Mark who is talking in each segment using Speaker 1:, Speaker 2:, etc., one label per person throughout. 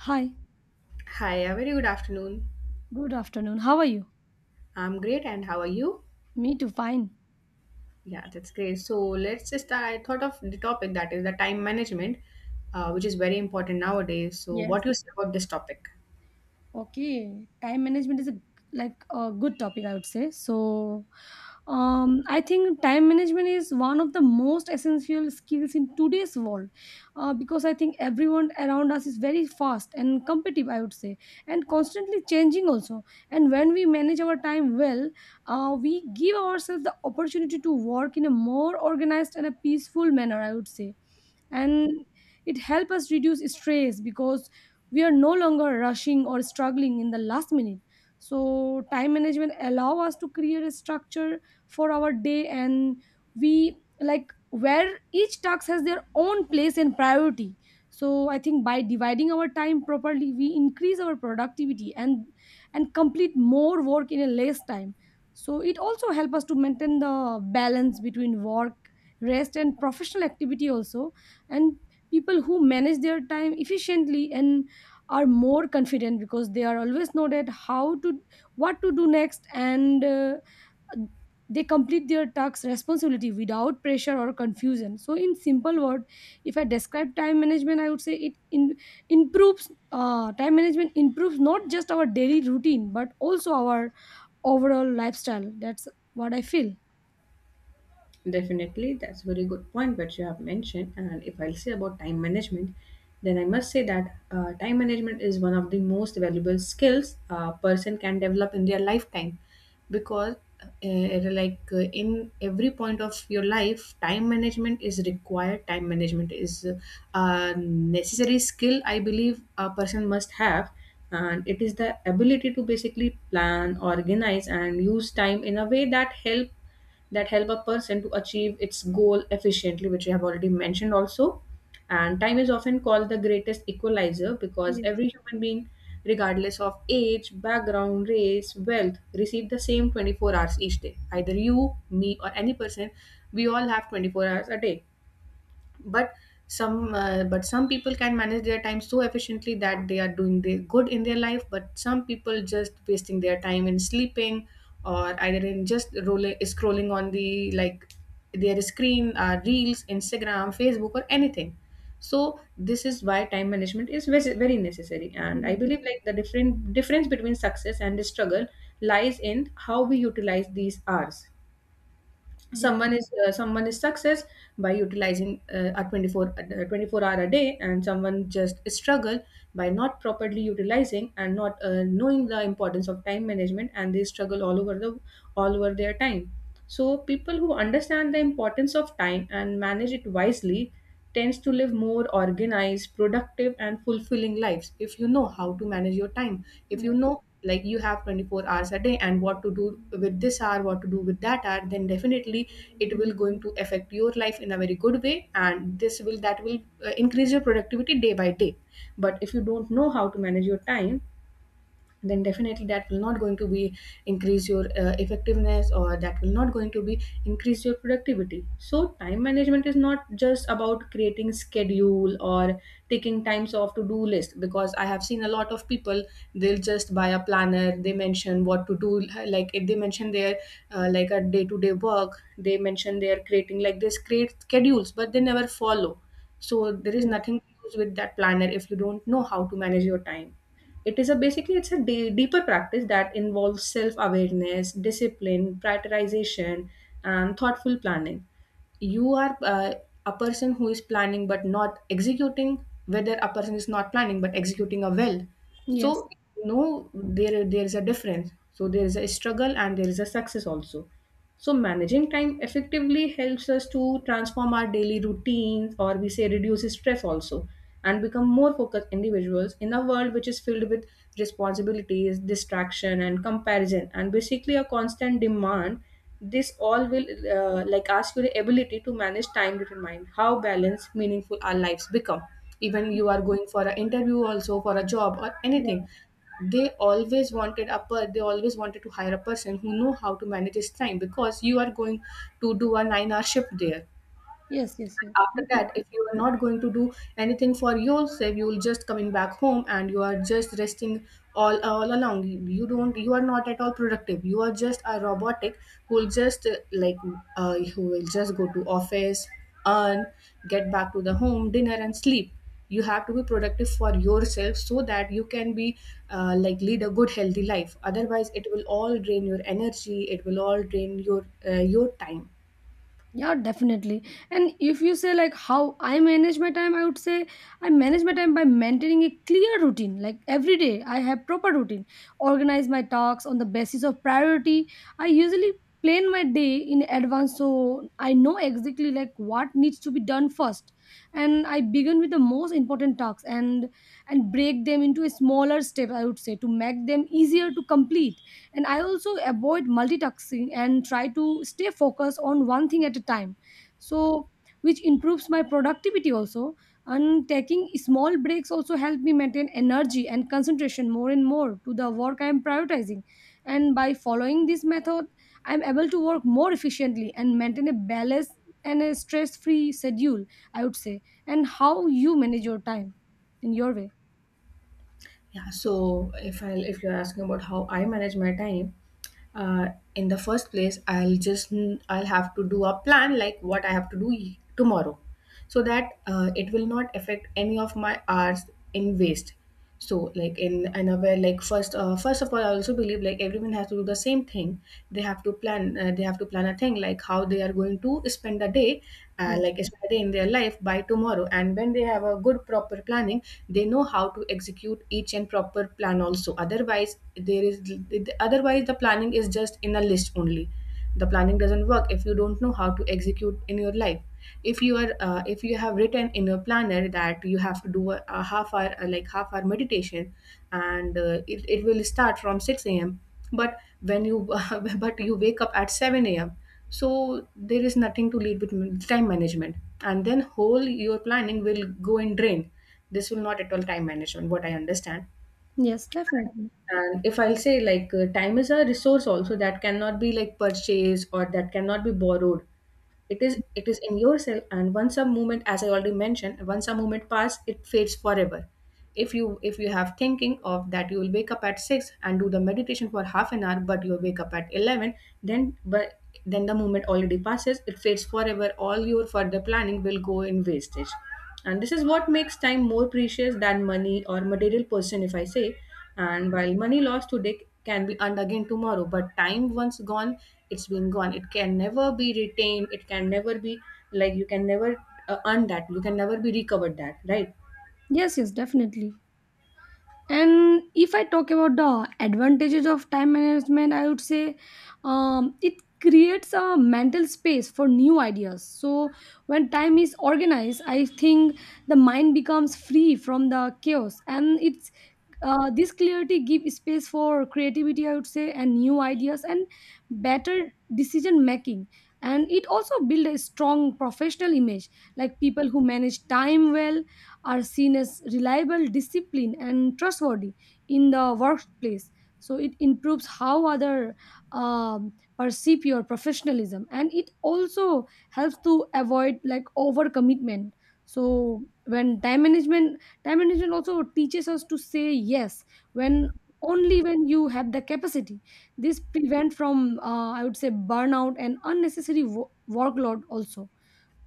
Speaker 1: Hi,
Speaker 2: Hi, a very good afternoon.
Speaker 1: good afternoon. How are you?
Speaker 2: I'm great, and how are you?
Speaker 1: Me too, fine.
Speaker 2: Yeah, that's great. So let's just I thought of the topic that is the time management, which is very important nowadays. So what
Speaker 1: Yes.
Speaker 2: do you say about this topic?
Speaker 1: Okay, time management is a like a good topic, I would say. I think time management is one of the most essential skills in today's world, because I think everyone around us is very fast and competitive, I would say, and constantly changing also. And when we manage our time well, we give ourselves the opportunity to work in a more organized and a peaceful manner, I would say, and it helps us reduce stress because we are no longer rushing or struggling in the last minute. So time management allow us to create a structure for our day, and we like where each task has their own place and priority. So I think by dividing our time properly, we increase our productivity and complete more work in a less time. So it also helps us to maintain the balance between work, rest, and professional activity also. And people who manage their time efficiently and are more confident, because they are always know that how to what to do next, and they complete their tasks responsibility without pressure or confusion. So in simple word, if I describe time management, I would say it in, improves time management improves not just our daily routine, but also our overall lifestyle. That's what I feel.
Speaker 2: Definitely, that's a very good point that you have mentioned. And if I'll say about time management, then I must say that time management is one of the most valuable skills a person can develop in their lifetime because like in every point of your life time management is required. Time management is a necessary skill, I believe a person must have. And it is the ability to basically plan, organize, and use time in a way that help a person to achieve its goal efficiently, which we have already mentioned also. And time is often called the greatest equalizer because
Speaker 1: Yes.
Speaker 2: every human being, regardless of age, background, race, wealth, receive the same 24 hours each day. Either you, me, or any person, we all have 24 hours a day, but some people can manage their time so efficiently that they are doing the good in their life, but some people just wasting their time in sleeping, or either in just rolling scrolling on the like their screen, reels, Instagram, Facebook, or anything. So this is why time management is very necessary, and I
Speaker 1: Yeah,
Speaker 2: believe like the different difference between success and the struggle lies in how we utilize these hours.
Speaker 1: yeah.
Speaker 2: Someone is success by utilizing a 24 hour a day, and someone just struggle by not properly utilizing and not knowing the importance of time management, and they struggle all over their time. So people who understand the importance of time and manage it wisely tends to live more organized, productive, and fulfilling lives if you know how to manage your time. If you
Speaker 1: Yes,
Speaker 2: know, like, you have 24 hours a day and what to do with this hour, what to do with that hour, then definitely it will going to affect your life in a very good way, and this will that will increase your productivity day by day. But if you don't know how to manage your time, then definitely that will not going to be increase your effectiveness, or that will not going to be increase your productivity. So time management is not just about creating schedule or taking times off to do list because I have seen a lot of people, they'll just buy a planner, they mention what to do. Like, if they mention their like a day to day work, they mention they are creating like this create schedules, but they never follow. So there is nothing to use with that planner if you don't know how to manage your time. It is a basically it's a deeper practice that involves self-awareness, discipline, prioritization, and thoughtful planning. You are a person who is planning but not executing. Whether a person is not planning but executing a well,
Speaker 1: yes,
Speaker 2: so no, there is a difference. So there is a struggle and there is a success also. So, managing time effectively helps us to transform our daily routines, or we say reduces stress also, and become more focused individuals in a world which is filled with responsibilities, distraction, and comparison, and basically a constant demand. This all will like ask you the ability to manage time between mind, how balanced, meaningful our lives become. Even you are going for an interview, also for a job or anything,
Speaker 1: yes.
Speaker 2: they always wanted to hire a person who know how to manage his time because you are going to do a 9-hour shift there.
Speaker 1: Yes, yes, yes.
Speaker 2: And after
Speaker 1: Definitely.
Speaker 2: that, if you are not going to do anything for yourself, you will just coming back home and you are just resting all along. You don't you are not at all productive, you are just a robotic who will just like who will just go to office, earn, get back to the home, dinner, and sleep. You have to be productive for yourself so that you can be like lead a good healthy life, otherwise it will all drain your energy, it will all drain your time.
Speaker 1: Yeah, definitely. And if you say like how I manage my time, I would say I manage my time by maintaining a clear routine. Like every day, I have proper routine. Organize my tasks on the basis of priority. I usually plan my day in advance, so I know exactly like what needs to be done first. And I begin with the most important tasks and break them into a smaller step, I would say, to make them easier to complete. And I also avoid multitasking and try to stay focused on one thing at a time, so which improves my productivity also. And taking small breaks also help me maintain energy and concentration more and more to the work I am prioritizing. And by following this method, I am able to work more efficiently and maintain a balanced and a stress free schedule, I would say. And how you manage your time in your way?
Speaker 2: Yeah, so if you're asking about how I manage my time, uh, in the first place, I'll have to do a plan like what I have to do tomorrow, so that it will not affect any of my hours in waste. So, like, in another, like, first of all, I also believe like everyone has to do the same thing. They have to plan uh, they have to plan a thing like how they are going to spend the day,
Speaker 1: Yeah.
Speaker 2: like spend a day in their life by tomorrow, and when they have a good proper planning, they know how to execute each and proper plan also. Otherwise there is otherwise the planning is just in a list only. The planning doesn't work if you don't know how to execute in your life. If you are uh, if you have written in your planner that you have to do a half hour meditation, and it will start from 6 a.m., but when you but you wake up at 7 a.m. So there is nothing to lead with time management, and then whole your planning will go in drain. This will not at all time management, what I understand.
Speaker 1: Yes, definitely.
Speaker 2: And if I'll say like time is a resource also that cannot be like purchased or that cannot be borrowed. It is in yourself, and once a moment, as I already mentioned, once a moment pass, it fades forever. If you have thinking of that you will wake up at six and do the meditation for half an hour, but you'll wake up at 11, then, but then the moment already passes, it fades forever, all your further planning will go in wastage. And this is what makes time more precious than money or material possession, if I say. And while money lost today can be earned again tomorrow, but time once gone, it's been gone, it can never be retained, it can never be, like, you can never earn that, you can never be recovered that, right?
Speaker 1: Yes, yes, definitely. And if I talk about the advantages of time management, I would say it creates a mental space for new ideas. So when time is organized, I think the mind becomes free from the chaos, and it's this clarity gives space for creativity, I would say, and new ideas and better decision making. And it also builds a strong professional image. Like people who manage time well are seen as reliable, disciplined, and trustworthy in the workplace. So it improves how other um, perceive your professionalism. And it also helps to avoid like overcommitment. So when time management also teaches us to say yes when only when you have the capacity. This prevent from I would say burnout and unnecessary workload also.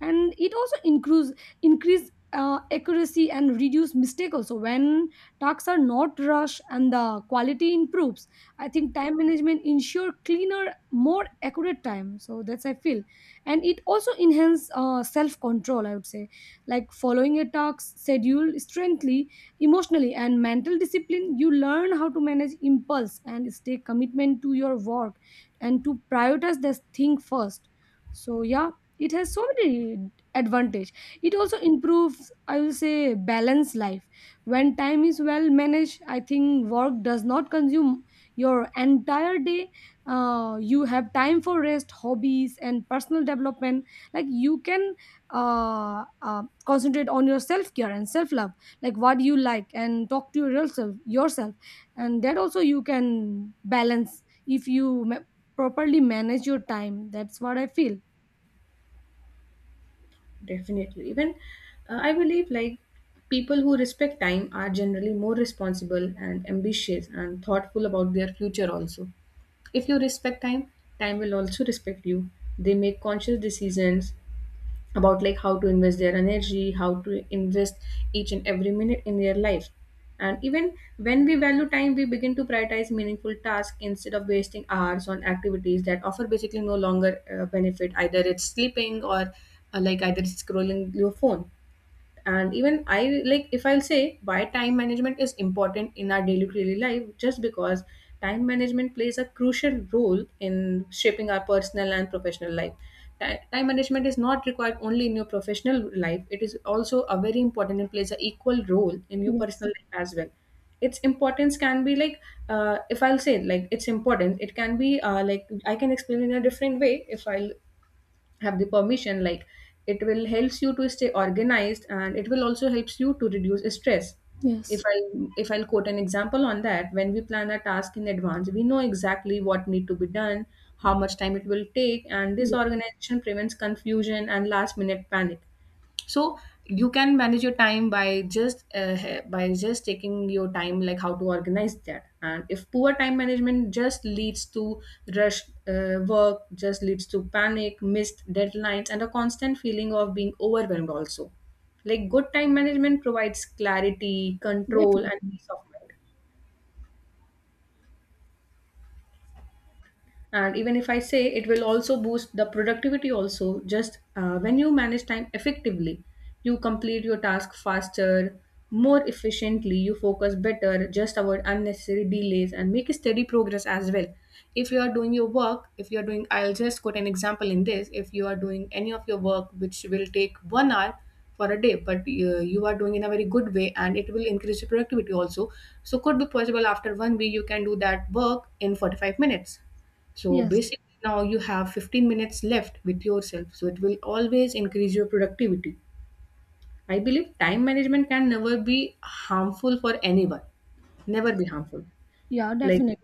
Speaker 1: And it also increase accuracy and reduce mistake also, when tasks are not rushed and the quality improves. I think time management ensure cleaner, more accurate time, so that's I feel. And it also enhance self control, I would say. Like following a task schedule strengthly emotionally and mental discipline, you learn how to manage impulse and stay commitment to your work and to prioritize this thing first. So yeah, it has so many advantage. It also improves, I will say, balance life. When time is well managed, I think work does not consume your entire day. You have time for rest, hobbies, and personal development. Like you can concentrate on your self-care and self-love, like what you like and talk to yourself. And that also you can balance if you properly manage your time. That's what I feel.
Speaker 2: Definitely, even I believe like people who respect time are generally more responsible and ambitious and thoughtful about their future also. If you respect time, time will also respect you. They make conscious decisions about like how to invest their energy, how to invest each and every minute in their life. And even when we value time, we begin to prioritize meaningful tasks instead of wasting hours on activities that offer basically no longer benefit, either it's sleeping or like either it's scrolling your phone. And even I, like, if I'll say why time management is important in our daily daily life, just because time management plays a crucial role in shaping our personal and professional life. Time management is not required only in your professional life, it is also a very important and plays an equal role in your
Speaker 1: Yes.
Speaker 2: personal life as well. Its importance can be like, if I'll say like its importance, it can be like, I can explain in a different way, if I'll have the permission, like, it will helps you to stay organized, and it will also helps you to reduce stress. if
Speaker 1: Yes.
Speaker 2: i if I'll quote an example on that, when we plan a task in advance, we know exactly what need to be done, how much time it will take, and this
Speaker 1: Yes,
Speaker 2: organization prevents confusion and last minute panic. So you can manage your time by just taking your time, like how to organize that. And if poor time management just leads to rush work, just leads to panic, missed deadlines, and a constant feeling of being overwhelmed also, like good time management provides clarity, control, and
Speaker 1: definitely.
Speaker 2: peace of mind. And even if I say it will also boost the productivity also, just when you manage time effectively, you complete your task faster, more efficiently, you focus better, just avoid unnecessary delays and make a steady progress as well. If you are doing your work, if you are doing, I'll just quote an example in this, if you are doing any of your work which will take 1 hour for a day, but you are doing in a very good way and it will increase your productivity also, so could be possible after 1 week you can do that work in 45 minutes. So
Speaker 1: Yes.
Speaker 2: basically, now you have 15 minutes left with yourself. So it will always increase your productivity. I believe time management can never be harmful for anyone. Never be harmful.
Speaker 1: Yeah,
Speaker 2: Like
Speaker 1: definitely.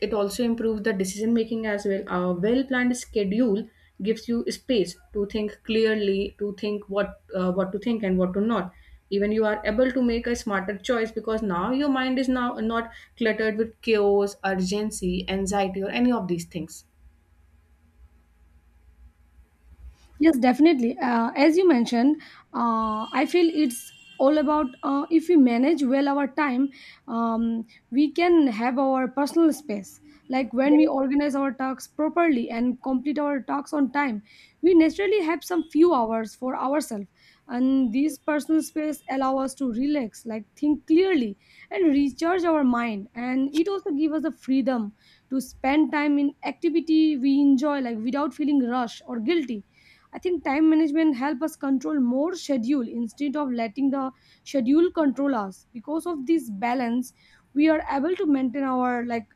Speaker 2: it also improves the decision making as well. A well planned schedule gives you space to think clearly, to think what to think and what to not. Even you are able to make a smarter choice because now your mind is now not cluttered with chaos, urgency, anxiety, or any of these things.
Speaker 1: Yes, definitely. As you mentioned, I feel it's all about if we manage well our time, we can have our personal space. Like when we organize our tasks properly and complete our tasks on time, we naturally have some few hours for ourselves. And this personal space allow us to relax, like think clearly and recharge our mind. And it also give us the freedom to spend time in activity we enjoy, like without feeling rushed or guilty. I think time management help us control more schedule instead of letting the schedule control us. Because of this balance, we are able to maintain our like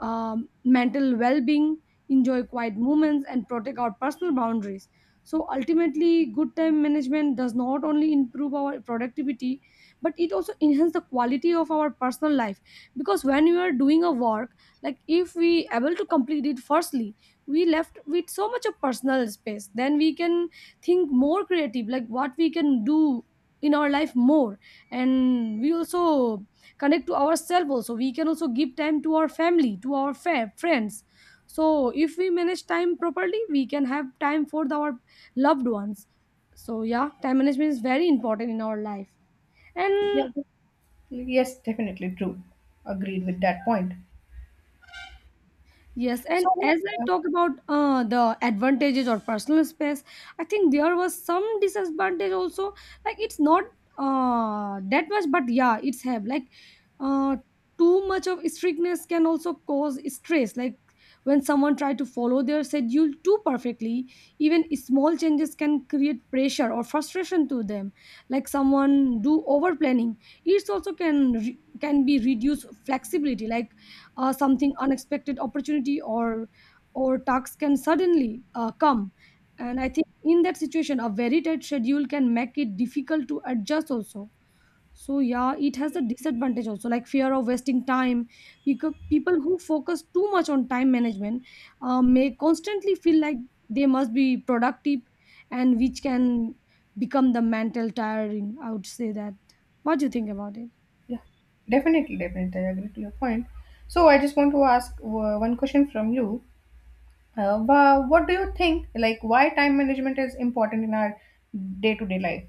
Speaker 1: um, mental well-being, enjoy quiet moments, and protect our personal boundaries. So ultimately, good time management does not only improve our productivity, but it also enhances the quality of our personal life. Because when you are doing a work, like if we able to complete it firstly, we left with so much of personal space, then we can think more creative, like what we can do in our life more. And we also connect to ourselves also. We can also give time to our family, to our friends. So if we manage time properly, we can have time for our loved ones. So yeah, time management is very important in our life.
Speaker 2: Yeah,
Speaker 1: And
Speaker 2: yes, definitely true. Agreed with that point.
Speaker 1: yes, and
Speaker 2: So,
Speaker 1: as I
Speaker 2: uh,
Speaker 1: talk about the advantages or personal space, I think there was some disadvantage also. Like it's not that much, but yeah, it's have like uh, too much of strictness can also cause stress. Like when someone try to follow their schedule too perfectly, even small changes can create pressure or frustration to them. Like someone do over planning, it also can can be reduce flexibility. Like something unexpected opportunity or tasks can suddenly come. And I think in that situation, a very tight schedule can make it difficult to adjust also. So yeah, it has a disadvantage also, like fear of wasting time, because people who focus too much on time management may constantly feel like they must be productive, and which can become the mental tiring, I would say. That, what do you think about it?
Speaker 2: yeah, definitely, I agree to your point. So, I just want to ask one question from you. What do you think? Like, why time management is important in our day-to-day life?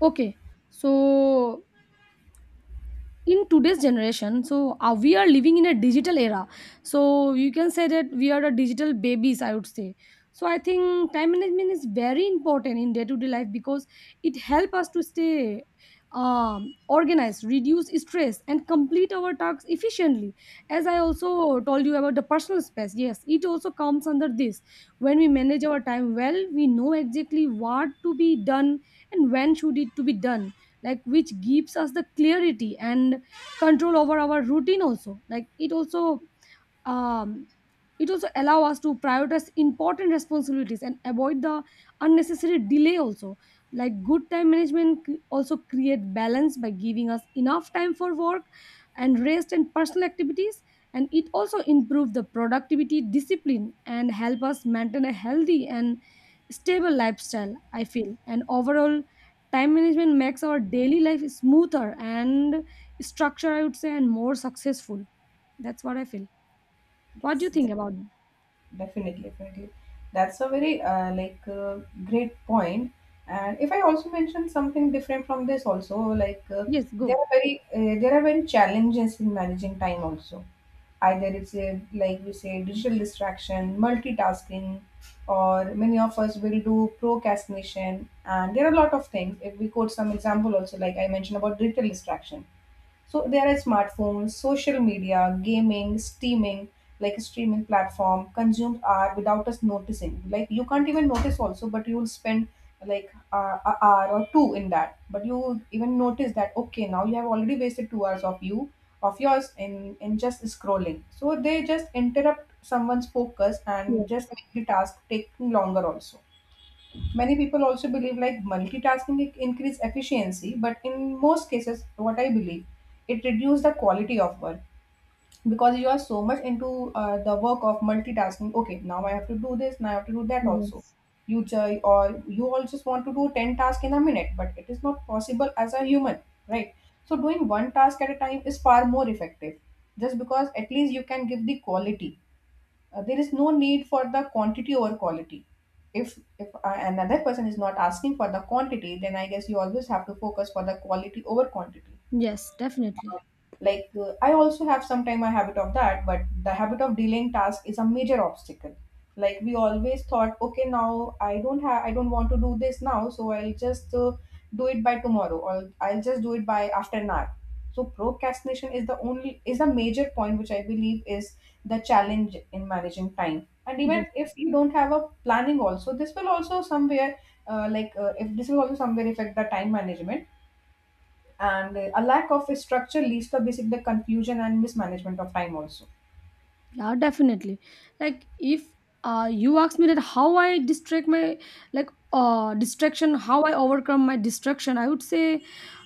Speaker 1: Okay, so in today's generation, so we are living in a digital era. So you can say that we are the digital babies, I would say. So I think time management is very important in day to day life, because it helps us to stay organized, reduce stress, and complete our tasks efficiently. As I also told you about the personal space, yes, it also comes under this. When we manage our time well, we know exactly what to be done and when should it to be done, like which gives us the clarity and control over our routine also. Like um, it also allow us to prioritize important responsibilities and avoid the unnecessary delay also. Like good time management also create balance by giving us enough time for work and rest and personal activities. And it also improve the productivity, discipline, and help us maintain a healthy and stable lifestyle, I feel. And overall, time management makes our daily life smoother and structured, I would say, and more successful. That's what I feel. What do you think about it?
Speaker 2: Definitely, definitely. That's a very great point. And if I also mention something different from this, also
Speaker 1: Yes,
Speaker 2: there
Speaker 1: go.
Speaker 2: are very challenges in managing time also. Either it's a, like we say digital distraction, multitasking, or many of us will do procrastination. And there are a lot of things. If we quote some example also, like I mentioned about digital distraction, so there are smartphones, social media, gaming, streaming, like a streaming platform, consumed art without us noticing. Like you can't even notice also, but you will spend a hour or two in that. But you would even notice that okay, now you have already wasted 2 hours of yours in just scrolling. So they just interrupt someone's focus and
Speaker 1: Yes,
Speaker 2: just make the task take longer also. Many people also believe like increase efficiency, but in most cases, what I believe, it reduces the quality of work because you are so much into the work of multitasking. Okay, now I have to do this, now I have to do that also.
Speaker 1: yes,
Speaker 2: Or you all just want to do ten tasks in a minute, but it is not possible as a human, right? So doing one task at a time is far more effective, just because at least you can give the quality. There is no need for the quantity over quality. If another person is not asking for the quantity, then I guess you always have to focus for the quality over quantity.
Speaker 1: yes, definitely.
Speaker 2: I also have sometime a habit of that, but the habit of delaying task is a major obstacle. Like we always thought okay, now I don't have, I don't want to do this now, so I'll just do it by tomorrow or I'll just do it by after an hour. So procrastination is the only is a major point which I believe is the challenge in managing time. And
Speaker 1: Yes.
Speaker 2: even if you don't have a planning also, this will also somewhere if this will also somewhere affect the time management. And a lack of a structure leads to basic the confusion and mismanagement of time also.
Speaker 1: Yeah, definitely. Like if you ask me that how I distract my, like distraction how I overcome my distraction, I would say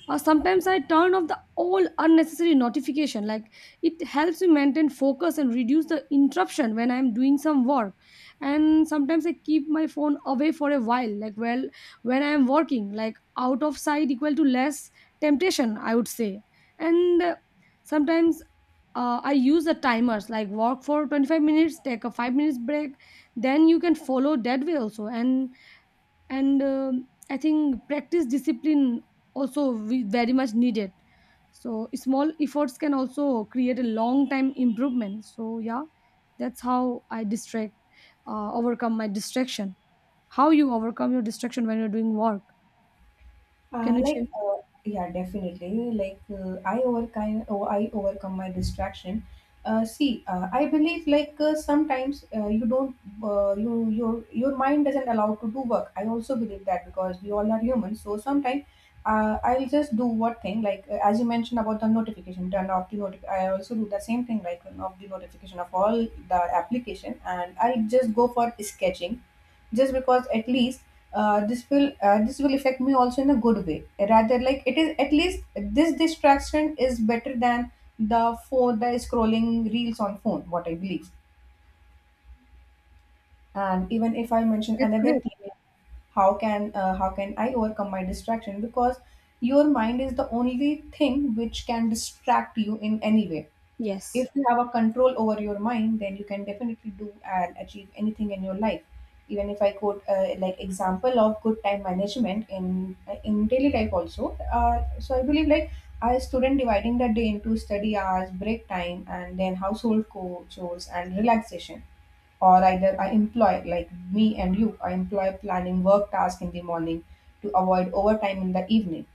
Speaker 1: sometimes I turn off the all unnecessary notification, like it helps me maintain focus and reduce the interruption when I'm doing some work. And sometimes I keep my phone away for a while, like well, when I am working, like out of sight equal to less temptation, I would say. And sometimes I use the timers, like walk for 25 minutes, take a 5 minutes break. Then you can follow that way also. And I think practice discipline also we very much needed. So small efforts can also create a long time improvement. So yeah, that's how I distract, overcome my distraction. How you overcome your distraction when you're doing work? Can
Speaker 2: Uh,
Speaker 1: you share?
Speaker 2: like, uh, yeah, definitely. I overcome my distraction. I believe like sometimes you don't, your mind doesn't allow to do work. I also believe that because we all are human. So sometimes I'll just do what thing, as you mentioned about the notification, turn off the notif. I also do the same thing, like turn off the notification of all the application, and I'll just go for sketching just because at least this will affect me also in a good way, rather like it is at least this distraction is better than the scrolling reels on phone, what I believe. And even if I mention
Speaker 1: That's
Speaker 2: another
Speaker 1: great.
Speaker 2: thing, how can I overcome my distraction? Because your mind is the only thing which can distract you in any way. If
Speaker 1: Yes.
Speaker 2: you have a control over your mind, then you can definitely do and achieve anything in your life. Even if I quote like example of good time management in daily life also. So I believe like a student dividing the day into study hours, break time, and then chores and relaxation. Or either I employ, like me and you, I employ planning work task in the morning to avoid overtime in the evening.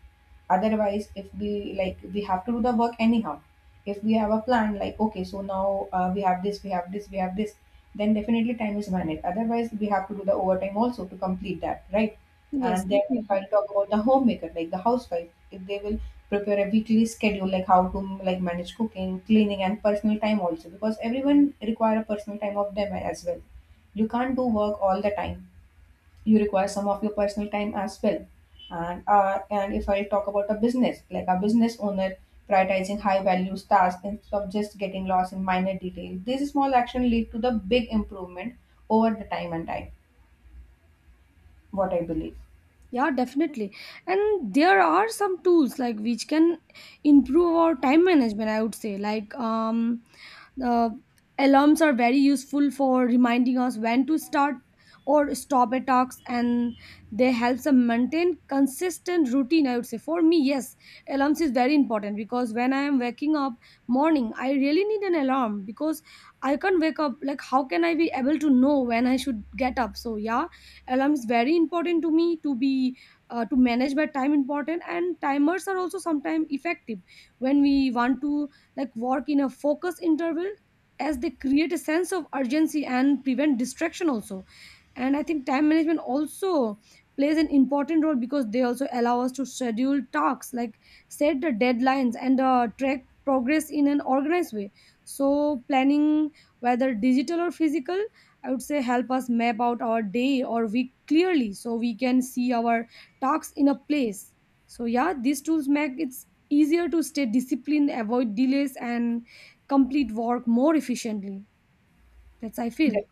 Speaker 2: Otherwise, if we like, we have to do the work anyhow. If we have a plan like okay, so now we have this, we have this, we have this, then definitely time is managed. Otherwise we have to do the overtime also to complete that, right?
Speaker 1: Yes,
Speaker 2: And then if I
Speaker 1: definitely.
Speaker 2: talk about the homemaker, like the housewife, if they will prepare a weekly schedule, like how to like manage cooking, cleaning and personal time also, because everyone require a personal time of them as well. You can't do work all the time. You require some of your personal time as well. And and if I talk about a business, like a business owner prioritizing high values tasks instead of just getting lost in minor details, these small action lead to the big improvement over the time and time. What I believe.
Speaker 1: Yeah, definitely. And there are some tools like which can improve our time management, I would say. Like the alarms are very useful for reminding us when to start or stop a task, and they help us maintain consistent routine, I would say. For me, yes, alarms is very important, because when I am waking up morning, I really need an alarm, because I can't wake up, like how can I be able to know when I should get up? So yeah, alarm is very important to me to be to manage my time important. And timers are also sometimes effective when we want to like work in a focus interval, as they create a sense of urgency and prevent distraction also. And I think time management also plays an important role, because they also allow us to schedule tasks, like set the deadlines and track progress in an organized way. So planning, whether digital or physical, I would say, help us map out our day or week clearly, so we can see our tasks in a place. So yeah, these tools make it easier to stay disciplined, avoid delays, and complete work more efficiently. That's I feel.
Speaker 2: De-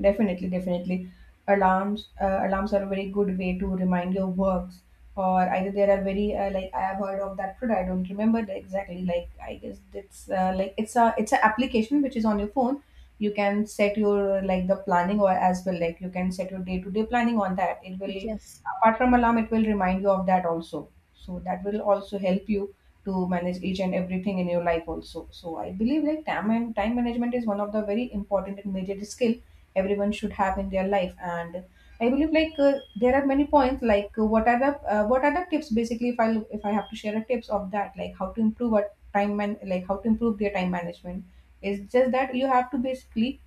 Speaker 2: Definitely, definitely. Alarms are a very good way to remind your works. Or either there are very like I have heard of that product. I don't remember the exactly. Like I guess it's it's a application which is on your phone. You can set your like the planning or as well, like you can set your day to day planning on that. It will,
Speaker 1: Yes.
Speaker 2: apart from alarm, it will remind you of that also. So that will also help you to manage each and everything in your life also. So I believe like time and time management is one of the very important and major skill everyone should have in their life. And I believe like there are many points like what are the tips basically. If I have to share a tips of that, like how to improve our time man like how to improve their time management, is just that you have to basically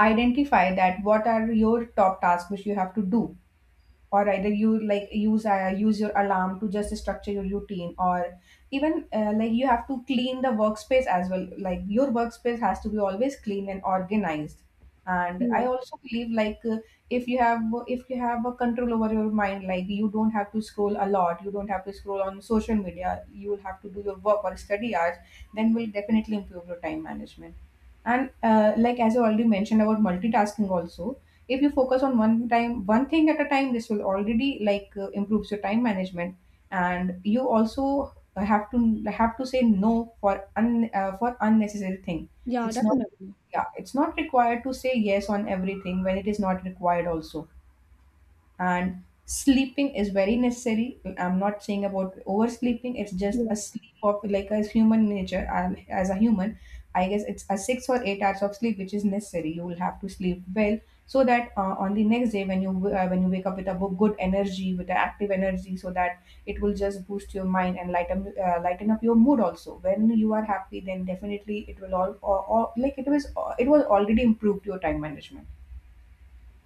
Speaker 2: identify that what are your top tasks which you have to do, or either you like use your alarm to just structure your routine. Or even like you have to clean the workspace as well, like your workspace has to be always clean and organized. And I
Speaker 1: Yeah,
Speaker 2: also believe like if you have, if you have a control over your mind, like you don't have to scroll a lot, you don't have to scroll on social media, you will have to do your work or study hours, then will definitely improve your time management. And like as I already mentioned about multitasking also, if you focus on one time, one thing at a time, this will already improves your time management. And you also have to say no for for unnecessary thing.
Speaker 1: yeah,
Speaker 2: It's not,
Speaker 1: definitely.
Speaker 2: yeah, it's not required to say yes on everything when it is not required also. And sleeping is very necessary. I'm not saying about oversleeping, it's just a
Speaker 1: Yes.
Speaker 2: sleep of like as human nature, as a human, I guess it's a 6 or 8 hours of sleep which is necessary. You will have to sleep well so that on the next day when when you wake up with a good energy, with an active energy, so that it will just boost your mind and lighten lighten up your mood also. When you are happy, then definitely it will all like it was, it was already improved your time management.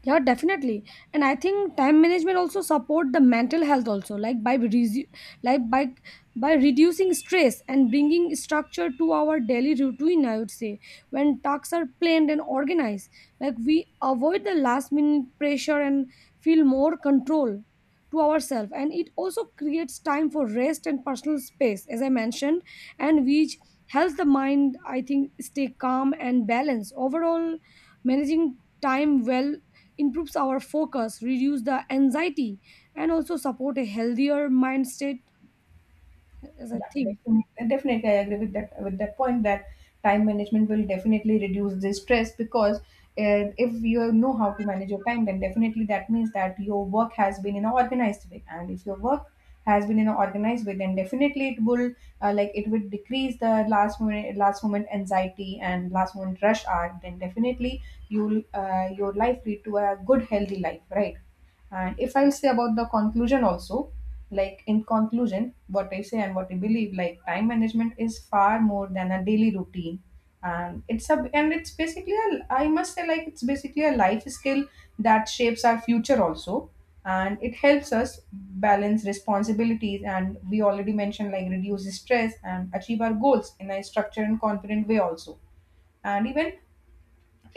Speaker 1: Yeah, definitely. And I think time management also support the mental health also, like by like by by reducing stress and bringing structure to our daily routine, I would say. When tasks are planned and organized, like we avoid the last minute pressure and feel more control to ourselves. And it also creates time for rest and personal space, as I mentioned, and which helps the mind, I think, stay calm and balanced. Overall, managing time well improves our focus, reduce the anxiety, and also support a healthier mind state, as I
Speaker 2: Yeah,
Speaker 1: think.
Speaker 2: definitely, I agree with that point that time management will definitely reduce the stress. Because if you know how to manage your time, then definitely that means that your work has been in an organized way, and if your work has been in an organized way, then definitely it will it would decrease the last moment anxiety and last moment rush hour. Then definitely you'll your life lead to a good healthy life, right? And if I'll say about the conclusion also, like in conclusion, what I say and what I believe, like time management is far more than a daily routine. And it's basically a, I must say like it's basically a life skill that shapes our future also. And it helps us balance responsibilities, and we already mentioned like reduce stress and achieve our goals in a structured and confident way also. And even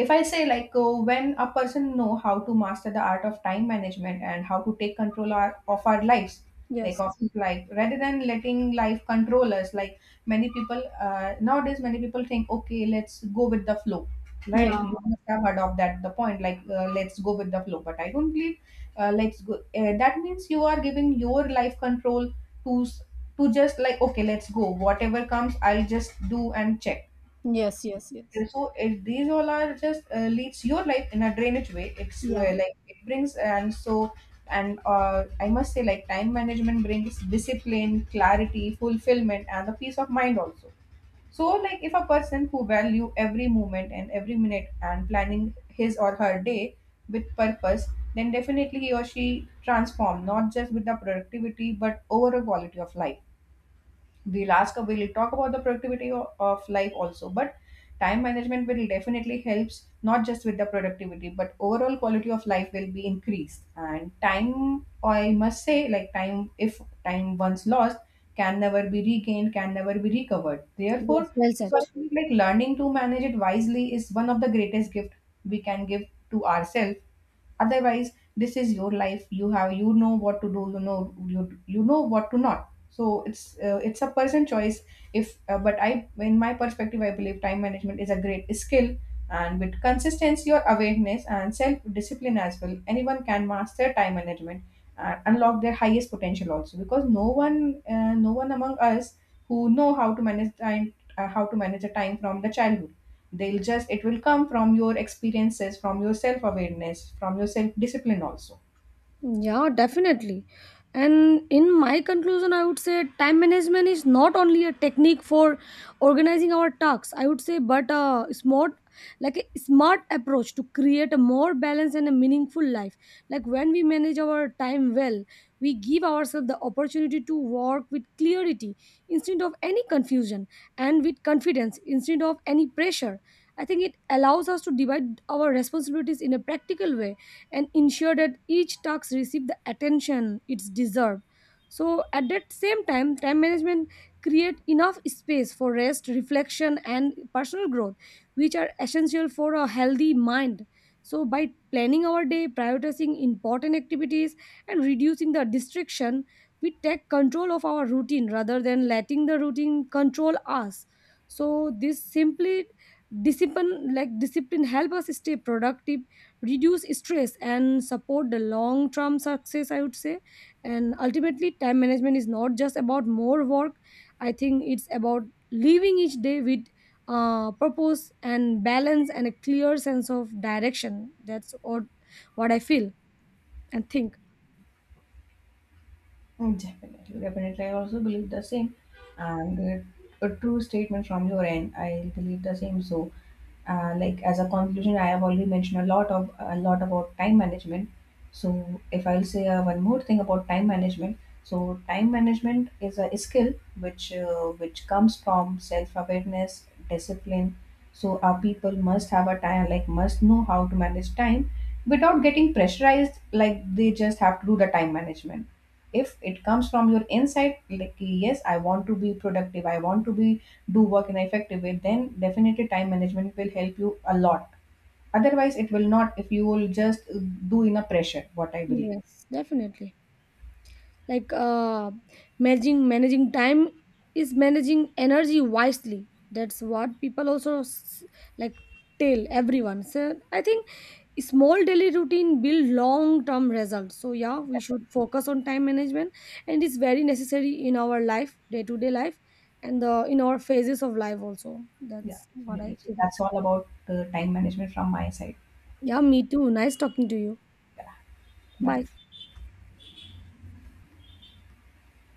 Speaker 2: if I say when a person know how to master the art of time management and how to take control of our lives, like
Speaker 1: Yes.
Speaker 2: of his life, rather than letting life control us. Like many people, nowadays many people think okay, let's go with the flow,
Speaker 1: Yeah.
Speaker 2: right? You must have heard of that the point, let's go with the flow, but I don't believe. Let's go That means you are giving your life control to s- to just like okay, let's go, whatever comes, I'll just do and check.
Speaker 1: Yes, yes, yes.
Speaker 2: And so if these all are just leads your life in a drainage way,
Speaker 1: Yeah,
Speaker 2: it brings. And so and I must say like time management brings discipline, clarity, fulfillment, and the peace of mind also. So like if a person who value every moment and every minute and planning his or her day with purpose, then definitely he or she transform not just with the productivity but overall quality of life. The last cup we'll talk about the productivity of life also, but time management will definitely helps not just with the productivity but overall quality of life will be increased. And time, I must say, like time, if time once lost, can never be regained, can never be recovered, therefore,
Speaker 1: yes, well said.
Speaker 2: so I think like learning to manage it wisely is one of the greatest gift we can give to ourselves. Otherwise, this is your life, you have, you know what to do, you know, you know what to not, so it's a person choice. If But I, in my perspective, I believe time management is a great skill, and with consistency, your awareness and self discipline as well, anyone can master time management, unlock their highest potential also. Because no one among us who know how to manage time, how to manage the time from the childhood, they'll just, it will come from your experiences, from your self awareness, from your self discipline also.
Speaker 1: Yeah, definitely. And in my conclusion, I would say time management is not only a technique for organizing our tasks, I would say, but a smart, like a smart approach to create a more balanced and a meaningful life. Like when we manage our time well, we give ourselves the opportunity to work with clarity instead of any confusion, and with confidence instead of any pressure. I think it allows us to divide our responsibilities in a practical way and ensure that each task receives the attention it's deserved. So at that same time, time management create enough space for rest, reflection, and personal growth, which are essential for a healthy mind. So by planning our day, prioritizing important activities, and reducing the distraction, we take control of our routine rather than letting the routine control us. So this simply discipline help us stay productive, reduce stress, and support the long term success, I would say. And ultimately, time management is not just about more work. I think it's about living each day with purpose and balance and a clear sense of direction. That's what I feel and think.
Speaker 2: Mm, definitely, definitely, I also believe the same. And a true statement from your end, I believe the same. So as a conclusion, I have already mentioned a lot about time management. So if I'll say one more thing about time management, so time management is a skill which comes from self awareness, discipline. So our people must have a time, like must know how to manage time without getting pressurized, like they just have to do the time management. If it comes from your inside, like yes, I want to be productive, I want to be do work in an effective way, then definitely time management will help you a lot. Otherwise it will not, if you will just do in a pressure, what I believe.
Speaker 1: Yes, definitely. Like managing time is managing energy wisely. That's what people also like tell everyone. So I think small daily routine build long term results. So yeah, we should focus on time management, and it's very necessary in our life, day to day life, and the in our phases of life also.
Speaker 2: Yeah,
Speaker 1: That's what I
Speaker 2: definitely, so
Speaker 1: think.
Speaker 2: that's all about time management from my side.
Speaker 1: Yeah, me too. Nice talking to you.
Speaker 2: Yeah. Bye.
Speaker 1: Bye.